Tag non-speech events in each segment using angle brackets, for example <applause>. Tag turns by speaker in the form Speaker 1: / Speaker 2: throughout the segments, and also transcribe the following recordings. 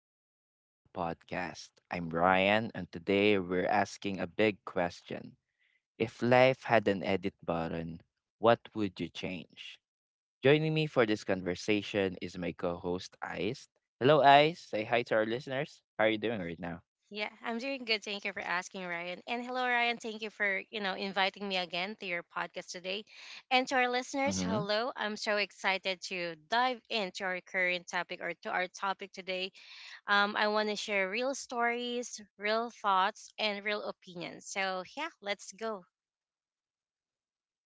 Speaker 1: welcome back to the podcast. I'm Ryan, and today we're asking a big question. If life had an edit button, what would you change? Joining me for this conversation is my co host, Ice. Hello, Ice. Say hi to our listeners. How are you doing right now?
Speaker 2: Yeah, I'm doing good. Thank you for asking, Ryan. And hello, Ryan. Thank you for, inviting me again to your podcast today. And to our
Speaker 1: Mm-hmm.
Speaker 2: listeners, hello. I'm so excited to dive into our current topic or to our topic today. I want to share real stories, real thoughts, and real opinions. So, yeah, let's go.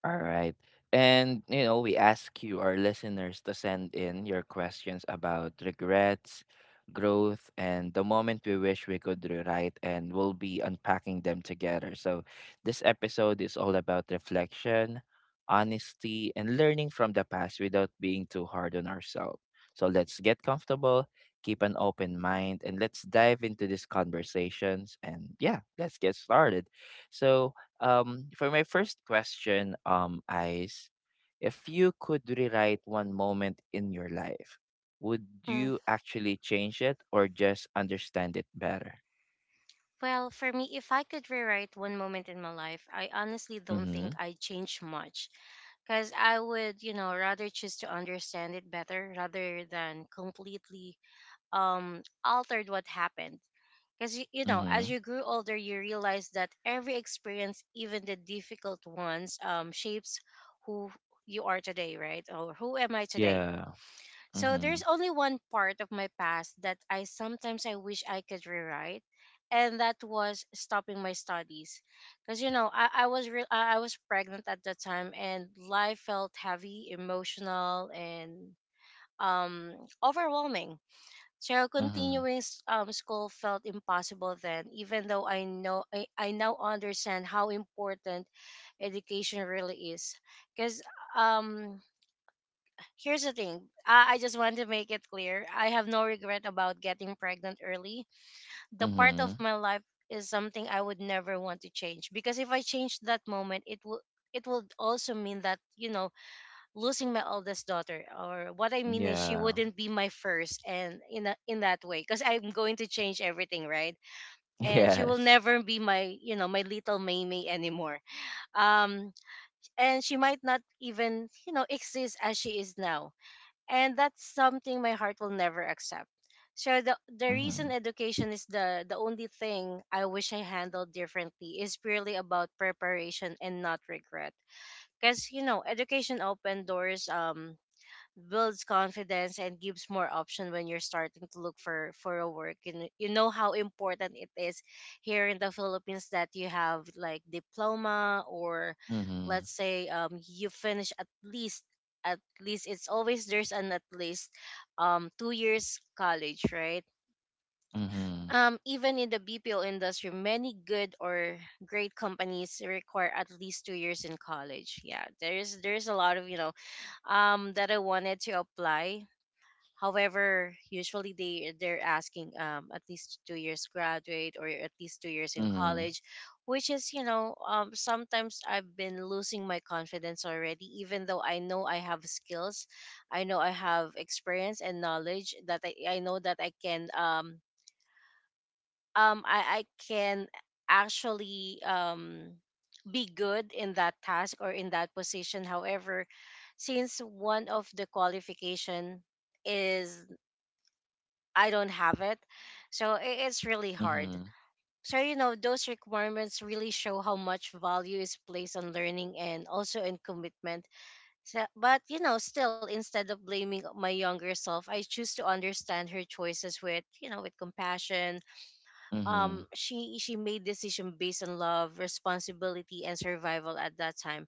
Speaker 1: All right. And, you know, we ask you, our listeners, to send in your questions about regrets, growth, and the moment we wish we could rewrite, and we'll be unpacking them together. So, this episode is all about reflection, honesty, and learning from the past without being too hard on ourselves. So, let's get comfortable, keep an open mind, and let's dive into these conversations. And yeah, let's get started. So, for my first question, Ice, if you could rewrite one moment in your life, would
Speaker 2: Hmm.
Speaker 1: you actually change it or just understand it better?
Speaker 2: Well, for me, if I could rewrite one moment in my life, I honestly don't
Speaker 1: Mm-hmm.
Speaker 2: think I'd change much. Because I would, rather choose to understand it better rather than completely altered what happened. Because you, as
Speaker 1: Mm-hmm.
Speaker 2: you grew older, you realize that every experience, even the difficult ones, shapes who you are today, right? Or who am I today?
Speaker 1: Yeah.
Speaker 2: So there's
Speaker 1: Mm-hmm.
Speaker 2: only one part of my past that I sometimes I wish I could rewrite, and that was stopping my studies, because I was pregnant at the time, and life felt heavy, emotional, and um overwhelming. So
Speaker 1: Mm-hmm.
Speaker 2: continuing school felt impossible then, even though I know I now understand how important education really is, because um here's the thing. I just want to make it clear. I have no regret about getting pregnant early. The part of
Speaker 1: Mm-hmm.
Speaker 2: my life is something I would never want to change, because if I change that moment, it would also mean that, losing my oldest daughter. Or what I mean is, she
Speaker 1: Yeah. <laughs>
Speaker 2: wouldn't be my first. And in that way, because I'm going to change everything, right? And she will
Speaker 1: Yes.
Speaker 2: never be my you know my little maymay anymore. um and she might not even exist as she is now, and that's something my heart will never accept. So the
Speaker 1: Mm-hmm.
Speaker 2: reason education is the only thing I wish I handled differently is purely about preparation and not regret. Because, education opened doors, builds confidence, and gives more option when you're starting to look for a work. You know how important it is here in the Philippines that you have like diploma. Or
Speaker 1: Mm-hmm.
Speaker 2: let's say, you finish at least, it's always, there's an at least, 2 years college, right?
Speaker 1: Mm-hmm.
Speaker 2: Even in the BPO industry, many good or great companies require at least 2 years in college. Yeah, there's a lot of, that I wanted to apply. However, usually they're asking, at least 2 years graduate or at least 2 years in
Speaker 1: Mm-hmm.
Speaker 2: college, which is, sometimes I've been losing my confidence already. Even though I know I have skills, I know I have experience and knowledge that I know that I can actually be good in that task or in that position. However, since one of the qualification is, I don't have it. So it's really
Speaker 1: Mm-hmm.
Speaker 2: hard. So, those requirements really show how much value is placed on learning and also in commitment. So, but, still, instead of blaming my younger self, I choose to understand her choices with, with compassion.
Speaker 1: Mm-hmm.
Speaker 2: She made decision based on love, responsibility, and survival at that time.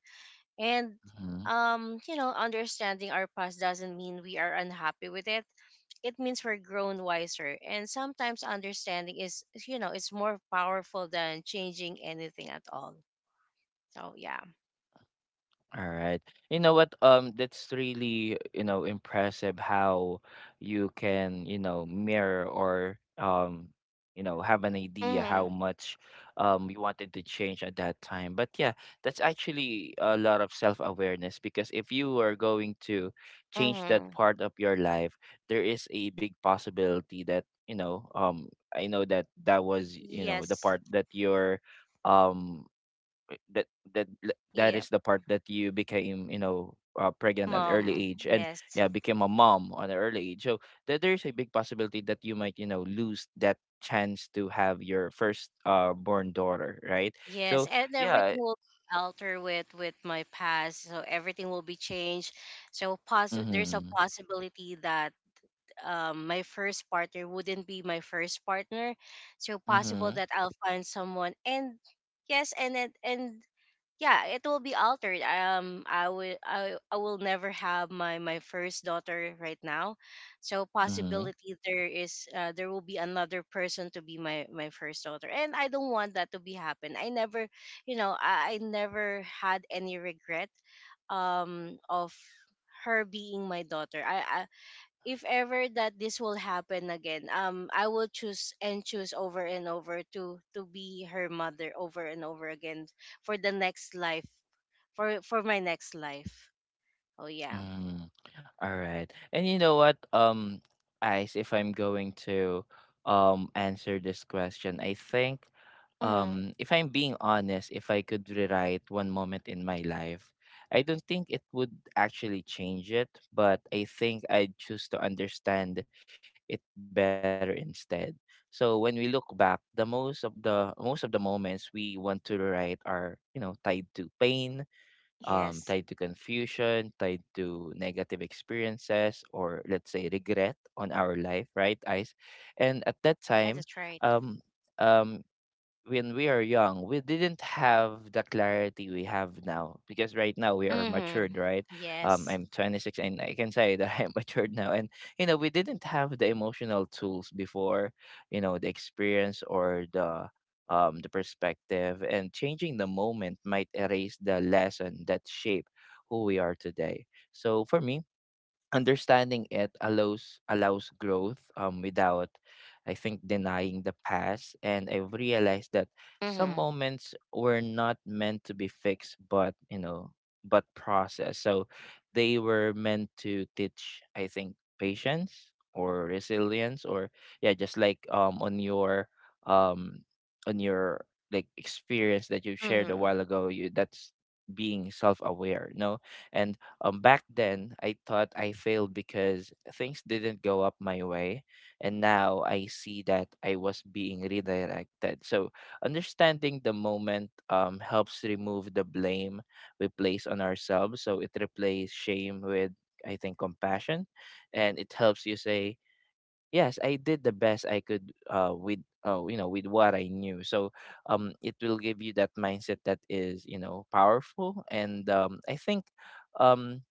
Speaker 2: And,
Speaker 1: Mm-hmm.
Speaker 2: um, you know, understanding our past doesn't mean we are unhappy with it. It means we're grown wiser, and sometimes understanding is you know is more powerful than changing anything at all. So yeah.
Speaker 1: All right. You know what? That's really, you know, impressive how you can, you know, mirror or you know, have an idea
Speaker 2: Mm-hmm.
Speaker 1: how much you wanted to change at that time. But yeah, that's actually a lot of self-awareness because if you are going to change that
Speaker 2: Mm-hmm.
Speaker 1: part of your life, there is a big possibility that, you know, I know that that was, you know, the
Speaker 2: Yes.
Speaker 1: part that you're um uh, that that that
Speaker 2: Yeah.
Speaker 1: is the part that you became, you know, pregnant at an
Speaker 2: Mom.
Speaker 1: early age, and
Speaker 2: Yes.
Speaker 1: yeah, became a mom on an early age. So there is a big possibility that you might, you know, lose that chance to have your first born daughter, right?
Speaker 2: Yes,
Speaker 1: So
Speaker 2: and everything
Speaker 1: yeah.
Speaker 2: will alter with my past, so everything will be changed. So there's a
Speaker 1: Mm-hmm.
Speaker 2: possibility that, my first partner wouldn't be my first partner. So possible
Speaker 1: Mm-hmm.
Speaker 2: that I'll find someone. And yes, and yeah, it will be altered. I will never have my first daughter right now. So
Speaker 1: Mm-hmm.
Speaker 2: possibility there is, there will be another person to be my first daughter, and I don't want that to be happen. I never you know i, I never had any regret of her being my daughter. I If ever that this will happen again, I will choose and choose over and over to be her mother over and over again for the next life, for my next life. Oh yeah.
Speaker 1: Mm, all right. And you know what, Ice, if I'm going to answer this question, I think
Speaker 2: Mm-hmm.
Speaker 1: if I'm being honest, if I could rewrite one moment in my life, I don't think it would actually change it, but I think I'd choose to understand it better instead. So when we look back, the most of the most of the moments we want to rewrite are, you know, tied to pain, tied
Speaker 2: Yes.
Speaker 1: to confusion, tied to negative experiences, or let's say regret on our life, right, Ice? And at that time,
Speaker 2: That's right.
Speaker 1: um, um, when we are young, we didn't have the clarity we have now because right now we are
Speaker 2: Mm-hmm.
Speaker 1: matured, right?
Speaker 2: Yes.
Speaker 1: I'm 26 and I can say that <laughs> I'm matured now. And, you know, we didn't have the emotional tools before, you know, the experience or the perspective, and changing the moment might erase the lesson that shape who we are today. So for me, understanding it allows growth without I think denying the past. And I've realized that some
Speaker 2: Mm-hmm.
Speaker 1: moments were not meant to be fixed, but you know, but process, so they were meant to teach, I think, patience or resilience. Or yeah, just like um on your like experience that you shared a
Speaker 2: Mm-hmm.
Speaker 1: while ago, you that's being self-aware, no. And back then, I thought I failed because things didn't go up my way, and now I see that I was being redirected. So, understanding the moment helps remove the blame we place on ourselves. So, it replaces shame with, I think, compassion, and it helps you say, yes, I did the best I could with. Oh, you know, with what I knew. So, it will give you that mindset that is, you know, powerful. And I think um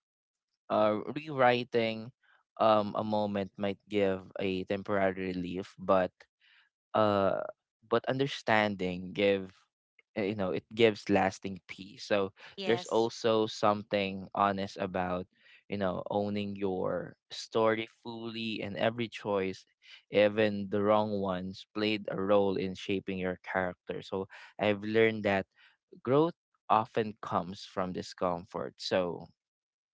Speaker 1: rewriting a moment might give a temporary relief, but uh, understanding give you know, it gives lasting peace. So there's
Speaker 2: Yes.
Speaker 1: also something honest about you know owning your story fully, and every choice, even the wrong ones, played a role in shaping your character. So I've learned that growth often comes from discomfort. So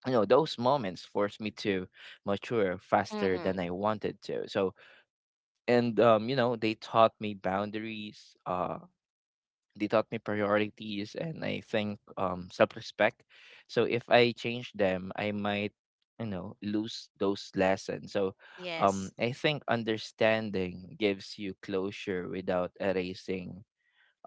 Speaker 1: you know those moments forced me to mature faster
Speaker 2: Mm-hmm.
Speaker 1: than I wanted to. So and um, you know, they taught me boundaries, uh, they taught me priorities, and I think um, self-respect. So if I change them, I might, you know, lose those lessons. So um,
Speaker 2: Yes.
Speaker 1: I think understanding gives you closure without erasing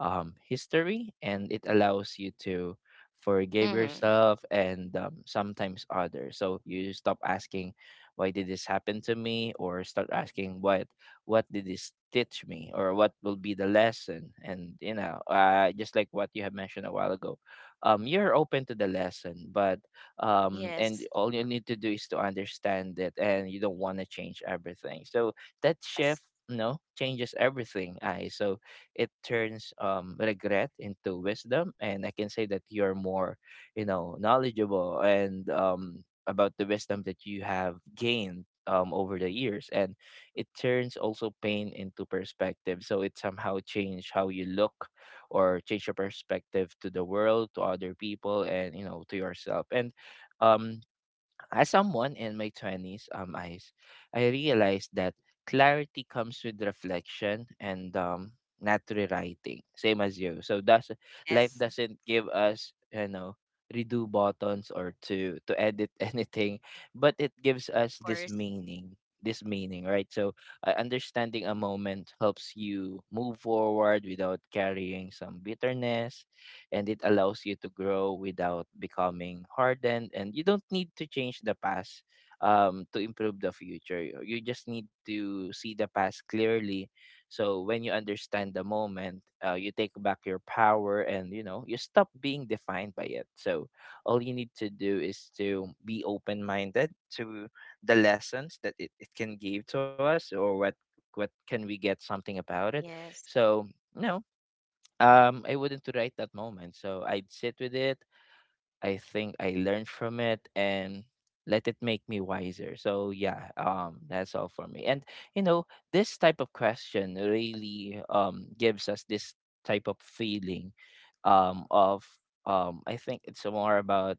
Speaker 1: history, and it allows you to forgive
Speaker 2: Mm-hmm.
Speaker 1: yourself and sometimes others, so you stop asking why did this happen to me, or start asking what did this teach me or what will be the lesson. And you know, just like what you have mentioned a while ago, you're open to the lesson, but and
Speaker 2: Yes.
Speaker 1: all you need to do is to understand it and you don't want to change everything. So that
Speaker 2: Yes.
Speaker 1: shift, you know, changes everything. I so it turns um, regret into wisdom, and I can say that you're more, you know, knowledgeable and um, about the wisdom that you have gained um, over the years. And it turns also pain into perspective, so it somehow change how you look or change your perspective to the world, to other people, and you know, to yourself. And um, as someone in my 20s, um, Ice, I realized that clarity comes with reflection and um, not rewriting, same as you. So does life
Speaker 2: Yes. Of
Speaker 1: doesn't give us, you know, redo buttons or to edit <laughs> anything, but it gives us this
Speaker 2: course.
Speaker 1: meaning, this meaning, right? So understanding a moment helps you move forward without carrying some bitterness, and it allows you to grow without becoming hardened. And you don't need to change the past to improve the future. You just need to see the past clearly. So when you understand the moment, you take back your power, and you know, you stop being defined by it. So all you need to do is to be open-minded to the lessons that it can give to us, or what can we get something about it.
Speaker 2: Yes.
Speaker 1: So no, I wouldn't write that moment. So I'd sit with it. I think I learned from it and let it make me wiser. So yeah, that's all for me. And you know, this type of question really um, gives us this type of feeling um, of um, I think it's more about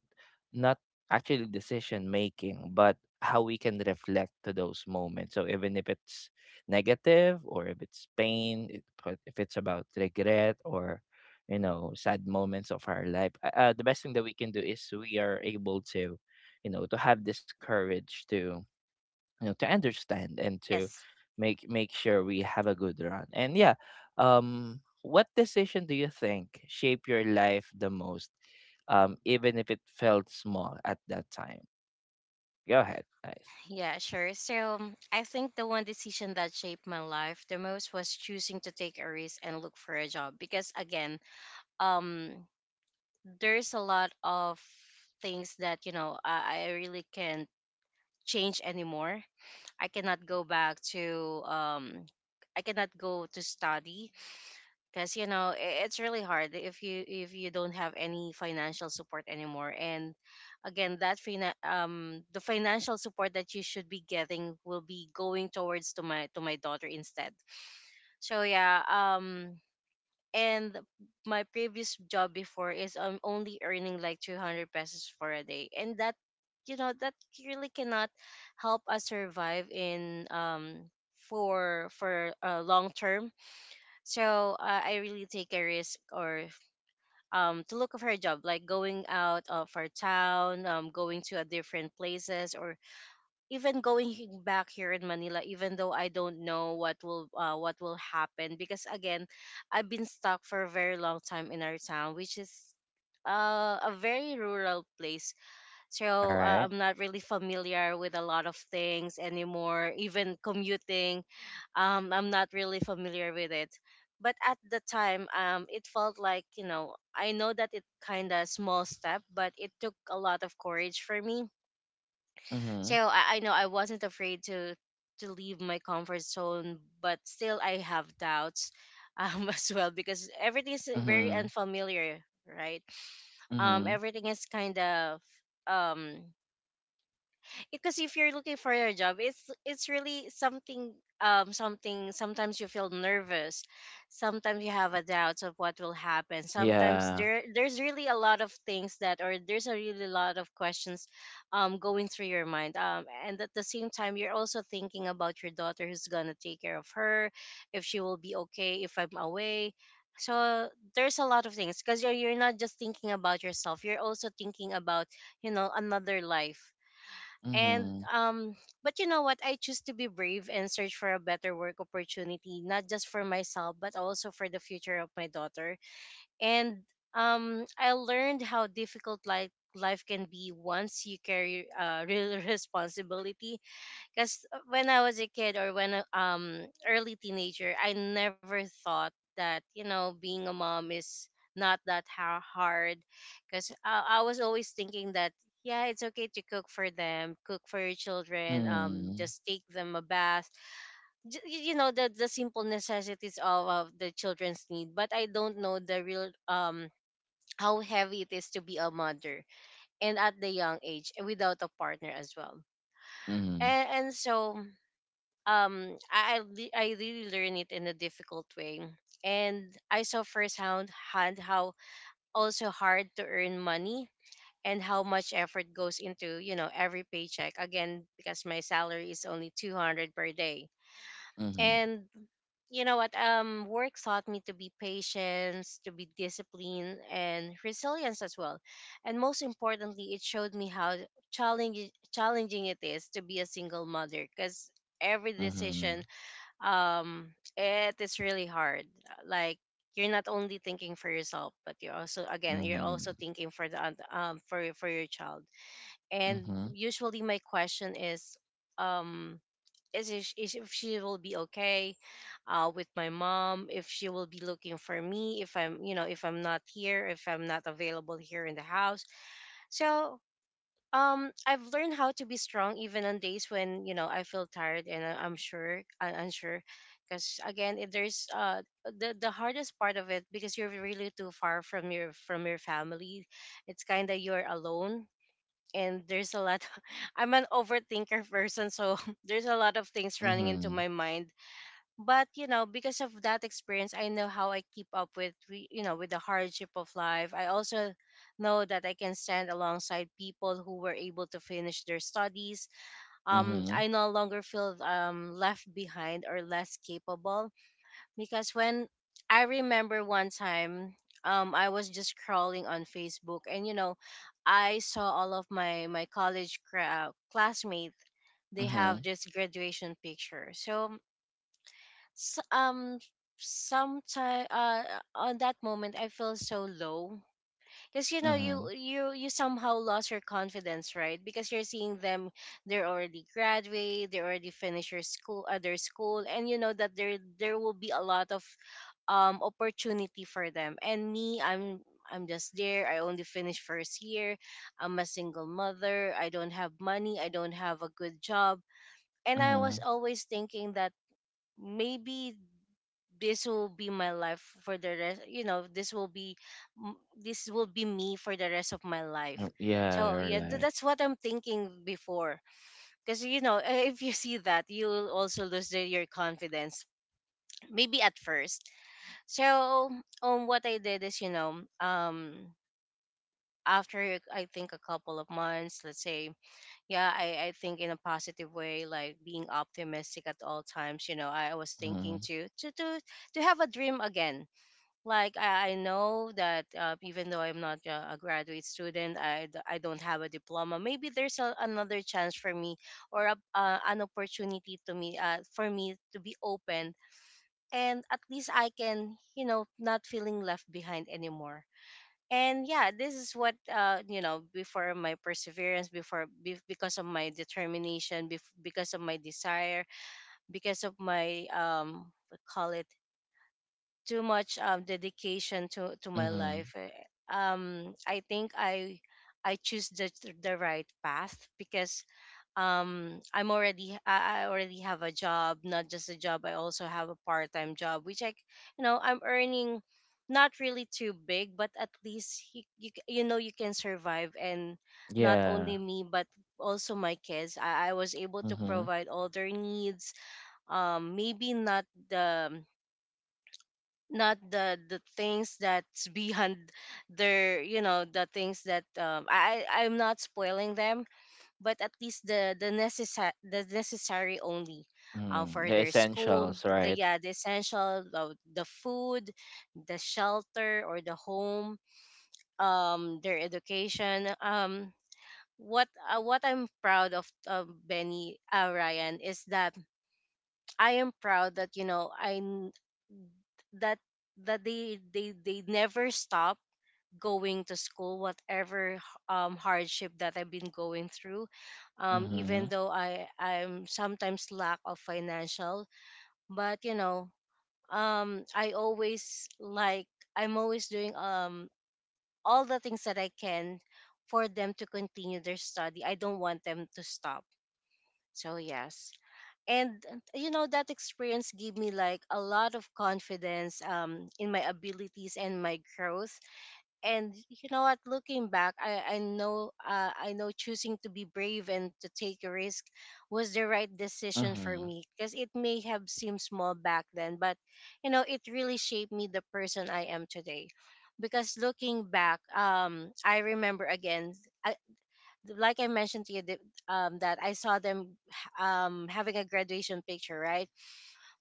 Speaker 1: not actually decision making, but how we can reflect to those moments. So even if it's negative or if it's pain, it- but if it's about regret or you know sad moments of our life, the best thing that we can do is we are able to you know to have this courage to you know to understand and to
Speaker 2: Yes.
Speaker 1: make sure we have a good run. And yeah, um, what decision do you think shape your life the most, um, even if it felt small at that time? Go ahead guys.
Speaker 2: Yeah, sure. So I think the one decision that shaped my life the most was choosing to take a risk and look for a job because, again, um, there's a lot of things that I really can't change anymore. I cannot go back to um, I cannot go to study, because it's really hard if you don't have any financial support anymore. And again, that the financial support that you should be getting will be going towards to my daughter instead. So yeah. And my previous job before is, I'm only earning like 200 pesos for a day, and that, you know that really cannot help us survive in, for a long term. So I really take a risk, or to look for a job, like going out of our town, going to a different places, or even going back here in Manila, even though I don't know what will happen. Because again, I've been stuck for a very long time in our town, which is, a very rural place.
Speaker 1: All
Speaker 2: So
Speaker 1: right.
Speaker 2: I'm not really familiar with a lot of things anymore, even commuting. I'm not really familiar with it, but at the time, it felt like, I know that it kind of small step, but it took a lot of courage for me. So
Speaker 1: Mm-hmm.
Speaker 2: I know I wasn't afraid to leave my comfort zone, but still I have doubts, <laughs> as well, because everything is very
Speaker 1: Mm-hmm.
Speaker 2: unfamiliar, right?
Speaker 1: Mm-hmm.
Speaker 2: Everything is kind of, um because if you're looking for your job, it's really something, something. Sometimes you feel nervous. Sometimes you have a doubt of what will happen. Sometimes
Speaker 1: Yeah.
Speaker 2: there's really a lot of things that or there's a really lot of questions, going through your mind, and at the same time you're also thinking about your daughter, who's gonna take care of her if she will be okay if I'm away. So there's a lot of things, because you're not just thinking about yourself, you're also thinking about, another life. and
Speaker 1: Mm-hmm.
Speaker 2: um, but you know what? I choose to be brave and search for a better work opportunity, not just for myself, but also for the future of my daughter. And I learned how difficult life can be once you carry, <laughs> real responsibility, because when I was a kid or when, early teenager, I never thought that, being a mom is not that hard. Because I was always thinking that, yeah, it's okay to cook for them, cook for your children,
Speaker 1: Mm-hmm.
Speaker 2: just take them a bath. The simple necessities of the children's need. But I don't know the real how heavy it is to be a mother, and at the young age and without a partner as well.
Speaker 1: Mm-hmm.
Speaker 2: And so, I really learned it in a difficult way, and I saw firsthand hand how also hard to earn money, and how much effort goes into, every paycheck. Again, because my salary is only 200 per day. And, you know what work taught me to be patience, to be disciplined, and resilience as well. And most importantly, it showed me how challenging it is to be a single mother, because every
Speaker 1: Mm-hmm.
Speaker 2: decision, um it is really hard. Like, you're not only thinking for yourself, but you're also
Speaker 1: Mm-hmm.
Speaker 2: thinking for the oth- for your child. And
Speaker 1: Mhm.
Speaker 2: usually my question is, um if she will be okay, with my mom, if she will be looking for me, if I'm, if I'm not here, if I'm not available here in the house. So, I've learned how to be strong even on days when, I feel tired and I'm unsure, because again, it, there's the hardest part of it, because you're really too far from your family. It's kind of you're alone, and there's a lot. <laughs> I'm an overthinker person, so <laughs> there's a lot of things running into my
Speaker 1: Mhm.
Speaker 2: mind but you know because of that experience I know how I keep up with you know with the hardship of life. I also know that I can stand alongside people who were able to finish their studies. I
Speaker 1: Mhm.
Speaker 2: no longer feel left behind or less capable because when I remember. One time I was just scrolling on Facebook and you know I saw all of my college classmates. They have
Speaker 1: Mhm.
Speaker 2: this graduation picture, so s- um sometime on that moment I feel so low because you know you
Speaker 1: Mhm.
Speaker 2: you you somehow lost your confidence, right? Because you're seeing them, they're already graduate, they already finished your school their school, and you know that there will be a lot of opportunity for them. And me, I'm just there. I only finished first year. I'm a single mother, I don't have money, I don't have a good job, and I was
Speaker 1: Mhm.
Speaker 2: always thinking that maybe this will be my life for the rest. You know, this will be this will be me for the rest of my life.
Speaker 1: Yep, yeah,
Speaker 2: So yeah,
Speaker 1: your life.
Speaker 2: that's what I'm thinking before, because you know <laughs> if you see that you will also lose the, your confidence, maybe at first. So what I did is, you know, after I think a couple of months, let's say, yeah, I think in a positive way, like being optimistic at all times. You know, I was thinking
Speaker 1: Mhm.
Speaker 2: to have a dream again. Like I know that even though I'm not a graduate student, I don't have a diploma. Maybe there's a, another chance for me or an opportunity to me for me to be open, and at least I can, you know, not feeling left behind anymore. And yeah, this is what you know, before my perseverance, because of my determination, because of my desire, because of my what call it, too much dedication to my
Speaker 1: Mhm.
Speaker 2: life. I think I choose the right path because I'm already I already have a job, not just a job. I also have a part time job, which you know, I'm earning not really too big, but at least you know, you can survive, and not only
Speaker 1: Yeah.
Speaker 2: me but also my kids. I was able to
Speaker 1: Mhm.
Speaker 2: provide all their needs. Maybe not the not the things that's behind their, you know, the things that I'm not spoiling them, but at least the necessary, the necessary only
Speaker 1: Mhm.
Speaker 2: for
Speaker 1: The
Speaker 2: their school,
Speaker 1: essentials,
Speaker 2: the,
Speaker 1: right?
Speaker 2: yeah, the essential, the food, the shelter or the home, their education. What I'm proud of Benny Ryan, is that I am proud that, you know, I n- that that they they never stop going to school whatever hardship that I've been going through, even
Speaker 1: Mhm.
Speaker 2: though I'm sometimes lack of financial. But you know, I always like, I'm always doing all the things that I can for them to continue their study. I don't want them to stop. So yes, and you know, that experience gave me like a lot of confidence in my abilities and my growth. And you know what, looking back, I know, I know choosing to be brave and to take a risk was the right decision for
Speaker 1: Mhm.
Speaker 2: me, because it may have seemed small back then, but you know, it really shaped me the person I am today. Because looking back, I remember again, I, like I mentioned to you, that I saw them, having a graduation picture, right?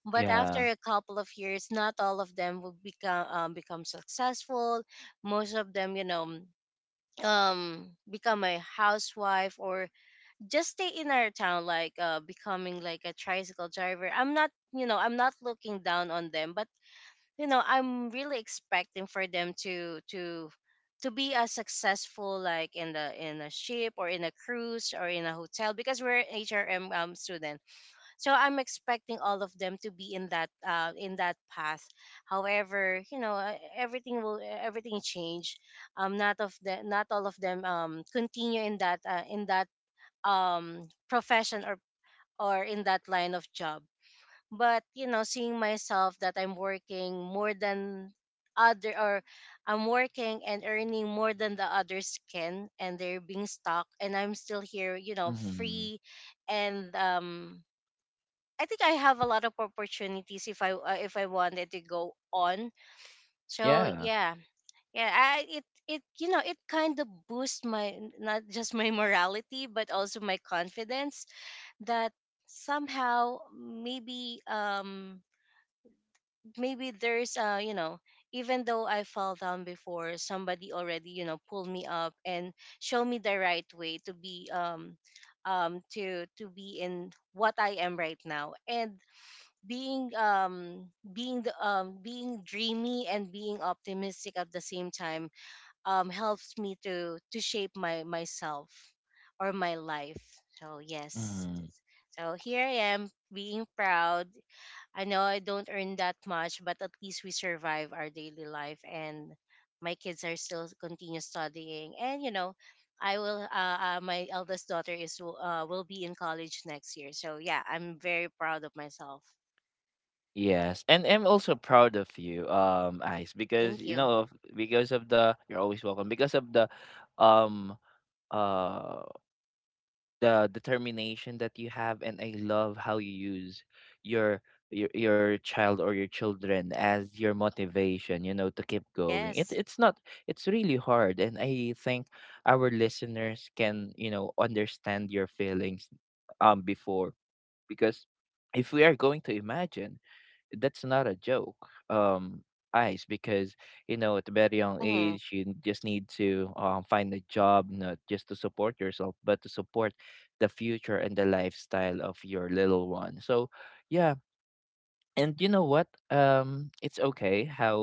Speaker 2: But after
Speaker 1: Yeah.
Speaker 2: a couple of years, not all of them will become become successful. Most of them, you know, become a housewife or just stay in our town, like becoming like a tricycle driver. I'm not, you know, I'm not looking down on them, but you know, I'm really expecting for them to be as successful, like in the in a ship or in a cruise or in a hotel, because we're an HRM student. So I'm expecting all of them to be in that path. However, you know, everything will, everything change. Not of the, not all of them continue in that profession or in that line of job. But you know, seeing myself that I'm working more than other, or I'm working and earning more than the others can, and they're being stuck and I'm still here, you know, free.
Speaker 1: Mhm.
Speaker 2: And I think I have a lot of opportunities if I if I wanted to go on. So
Speaker 1: Yeah.
Speaker 2: yeah, yeah, I it it, you know, it kind of boosts my, not just my <laughs> morality, but also my confidence. That somehow maybe maybe there's you know, even though I fell down before, somebody already, you know, pulled me up and show me the right way to be to be in what I am right now, and being being the, being dreamy and being optimistic at the same time helps me to shape my myself or my life. So yes,
Speaker 1: Mhm.
Speaker 2: so here I am, being proud. I know I don't earn that much, but at least we survive our daily life, and my kids are still continue studying. And you know, I will. My eldest daughter is will be in college next year, so yeah, I'm very proud of myself.
Speaker 1: Yes, and I'm also proud of you, Ice, because
Speaker 2: Thank
Speaker 1: you
Speaker 2: you.
Speaker 1: know, of because of the you're always welcome. Because of um, uh, the determination that you have, and I love how you use your your child or your children as your motivation, you know, to keep going. It,
Speaker 2: Yes.
Speaker 1: it's not it's really hard, and I think our listeners can you know understand your feelings um, before, because if we are going to imagine, that's not a joke, um, eyes, because you know at a very young
Speaker 2: Mm-hmm.
Speaker 1: age you just need to find a job, not just to support yourself but to support the future and the lifestyle of your little one. So yeah, and you know what, um, it's okay how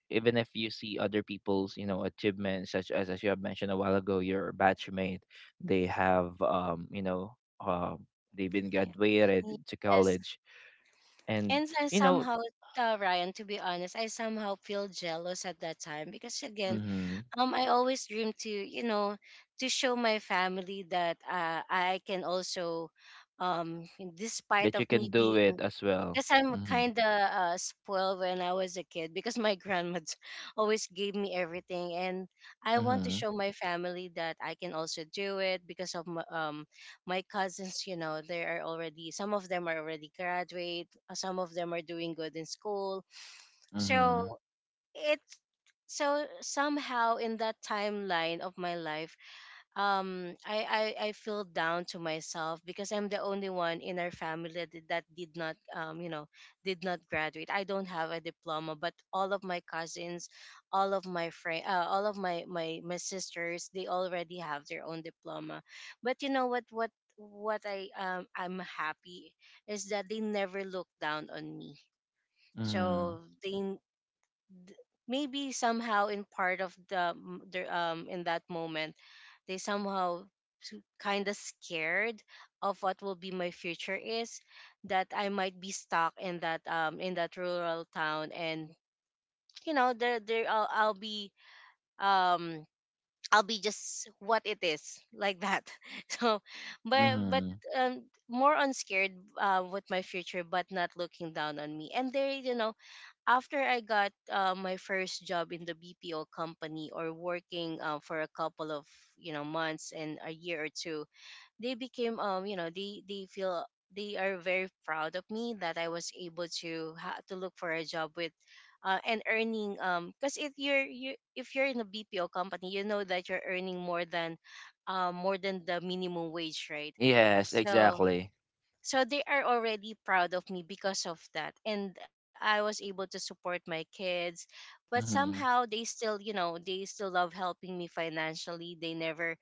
Speaker 1: even if you see other people's you know achievements, such as you have mentioned a while ago, your batchmate, they have um, you know, um, they've been
Speaker 2: Yeah.
Speaker 1: graduated to
Speaker 2: Yes.
Speaker 1: college. And
Speaker 2: And then
Speaker 1: you know.
Speaker 2: somehow, Ryan, to be honest, I somehow feel jealous at that time because again,
Speaker 1: Mhm.
Speaker 2: I always dream to, you know, to show my family that I can also, um, despite
Speaker 1: That you
Speaker 2: of
Speaker 1: can
Speaker 2: me
Speaker 1: do
Speaker 2: being,
Speaker 1: it as well.
Speaker 2: because I'm
Speaker 1: Mhm.
Speaker 2: kind of spoiled when I was a kid, because my grandma <laughs> always gave me everything, and I want to
Speaker 1: Mm-hmm.
Speaker 2: show my family that I can also do it because of my, my cousins. You know, they are already, some of them are already graduate, some of them are doing good in school, so
Speaker 1: Mm-hmm.
Speaker 2: it's so somehow in that timeline of my life, I feel down to myself because I'm the only one in our family that, that did not, you know, did not graduate. I don't have a diploma, but all of my cousins, all of my friend all of my sisters, they already have their own diploma. But you know what, I'm happy is that they never looked down on me.
Speaker 1: Mm-hmm.
Speaker 2: So they, maybe somehow in part of the, in that moment, they somehow kind of scared of what will be my future is, that I might be stuck in that rural town. And you know, there um I'll be just what it is like that. <laughs> So but
Speaker 1: Mm-hmm.
Speaker 2: more unscared with my future, but not looking down on me. And they, you know, after I got my first job in the BPO company, or working for a couple of, you know, months and a year or two, they became, you know, they feel they are very proud of me, that I was able to to look for a job with. And earning, because if you're in a BPO company, you know that you're earning more than the minimum wage, right?
Speaker 1: Yes,
Speaker 2: So
Speaker 1: exactly.
Speaker 2: so they are already proud of me because of that, and I was able to support my kids. But
Speaker 1: Mm-hmm.
Speaker 2: somehow they still, you know, they still love helping me financially. They never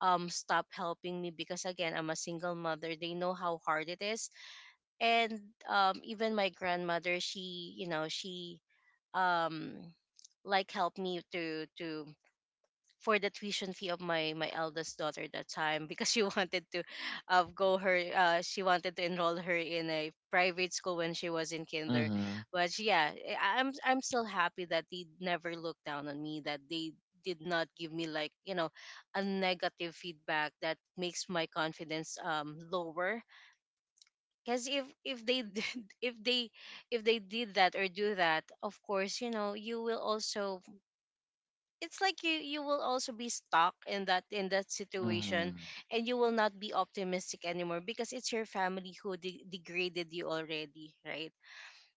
Speaker 2: stop helping me, because again, I'm a single mother, they know how hard it is. And even my grandmother, she, you know, she um like helped me to for the tuition fee of my eldest daughter at that time, because she <laughs> wanted to go her she wanted to enroll her in a private school when she was in kinder.
Speaker 1: Mm-hmm.
Speaker 2: But yeah, I'm still happy that they never looked down on me, that they did not give me like, you know, a negative feedback that makes my confidence lower. Because if they did, <laughs> if they if they did that or do that, of course, you know, you will also, it's like you will also be stuck in that situation,
Speaker 1: Mm-hmm.
Speaker 2: and you will not be optimistic anymore, because it's your family who degraded you already, right?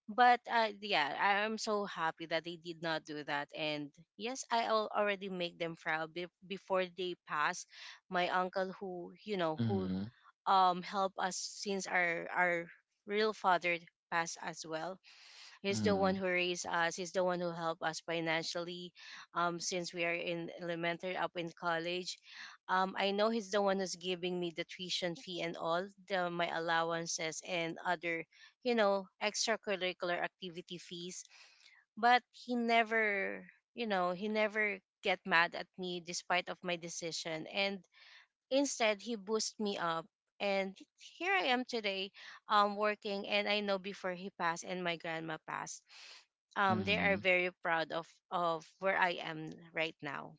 Speaker 2: But yeah, I- I'm so happy that they did not do that. And yes, I already make them proud before they pass. My uncle, who, you know, who
Speaker 1: Mm-hmm.
Speaker 2: helped us since our real father passed as well. He's the one
Speaker 1: Mm-hmm.
Speaker 2: who raised us. He's the one who helped us financially, since we are in elementary, up in college. I know he's the one who's giving me the tuition fee and all the my allowances and other, you know, extracurricular activity fees. But he never, you know, he never get mad at me despite of my decision. And instead, he boosted me up. And here I am today, working. And I know before he passed and my grandma passed, they are
Speaker 1: Mm-hmm.
Speaker 2: very proud of where I am right now.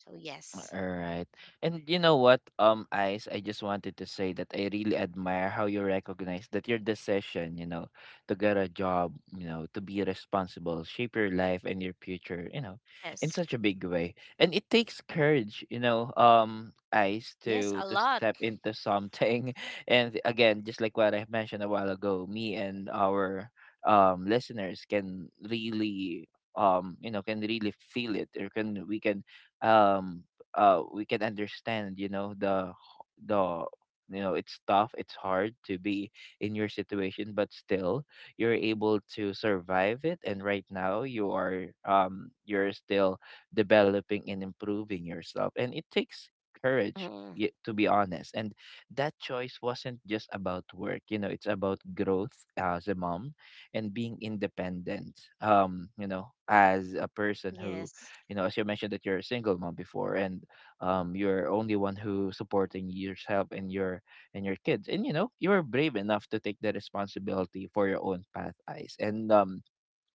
Speaker 2: So
Speaker 1: All
Speaker 2: yes,
Speaker 1: right. And you know what, Ice, I just wanted to say that I really admire how you recognize that your decision, you know, to get a job, you know, to be responsible, shape your life and your future, you know, in
Speaker 2: yes,
Speaker 1: such a big way. And it takes courage, you know, Ice,
Speaker 2: yes,
Speaker 1: to
Speaker 2: a lot.
Speaker 1: step into something. <laughs> And again, just like what I mentioned a while ago, me and our um, listeners can really um, you know, can really feel it, or can we can um we can understand, you know, the h- the you know it's tough, it's hard to be in your situation, but still you're able to survive it, and right now you are um, you're still developing and improving yourself. And it takes courage,
Speaker 2: Mm,
Speaker 1: y- to be honest. And that choice wasn't just about work, you know, it's about growth as a mom and being independent, um, you know, as a person who
Speaker 2: yes.
Speaker 1: you know as you mentioned that you're a single mom before, and um, you're only one who supporting yourself and your kids. And you know, you were brave enough to take the responsibility for your own path, eyes, and um,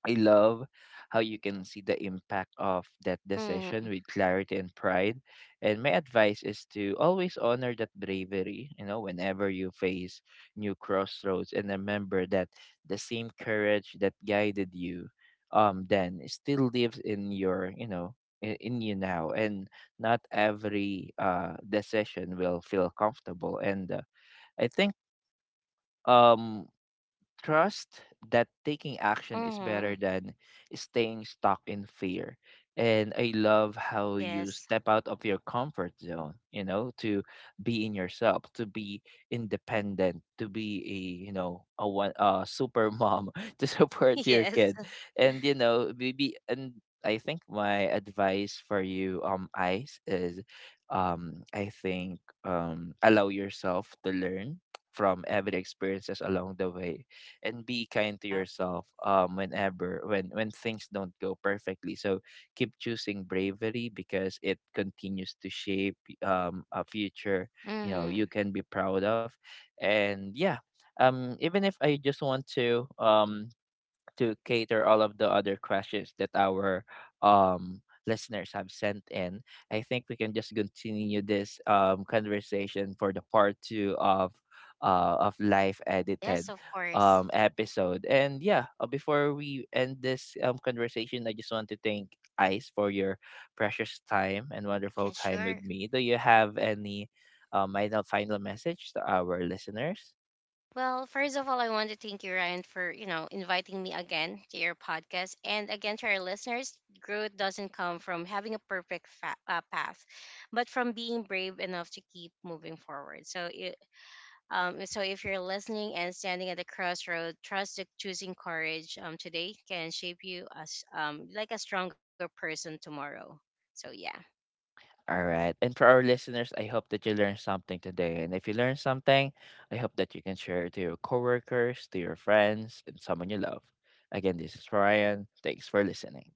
Speaker 1: I love how you can see the impact of that decision
Speaker 2: Mm,
Speaker 1: with clarity and pride. And my advice is to always honor that bravery, you know, whenever you face new crossroads, and remember that the same courage that guided you um, then still lives in your, you know, in you now. And not every uh, decision will feel comfortable, and I think um, trust that taking action is
Speaker 2: mm-hmm.
Speaker 1: better than staying stuck in fear. And I love how you
Speaker 2: Yes.
Speaker 1: step out of your comfort zone, you know, to be in yourself, to be independent, to be a, you know, a one a super mom <laughs> to support
Speaker 2: <laughs>
Speaker 1: your
Speaker 2: Yes.
Speaker 1: kid. And you know, maybe and I think my advice for you, Ice, is um, I think um, allow yourself to learn from every experiences along the way, and be kind to
Speaker 2: Yep.
Speaker 1: yourself um, whenever when things don't go perfectly. So keep choosing bravery because it continues to shape um, a future, you know, you
Speaker 2: Mm-hmm.
Speaker 1: can be proud of. And yeah, um, even if I just want to um, to cater all of the other questions that our um, listeners have sent in, I think we can just continue this um, conversation for the part two of uh, of live edited
Speaker 2: Yes, of course.
Speaker 1: um, episode. And yeah, before we end this um, conversation, I just want to thank Ice for your precious time and wonderful
Speaker 2: Yeah,
Speaker 1: time with
Speaker 2: sure.
Speaker 1: me. Do you have any um, final final message to our listeners?
Speaker 2: Well, first of all, I want to thank you, Ryan, for you know inviting me again to your podcast, and again to our listeners. Growth doesn't come from having a perfect path, but from being brave enough to keep moving forward. So, it, so if you're listening and standing at the crossroad, trust that choosing courage today can shape you as like a stronger person tomorrow. So yeah.
Speaker 1: All right. And for our listeners, I hope that you learned something today. And if you learned something, I hope that you can share it to your coworkers, to your friends, and someone you love. Again, this is Ryan. Thanks for listening.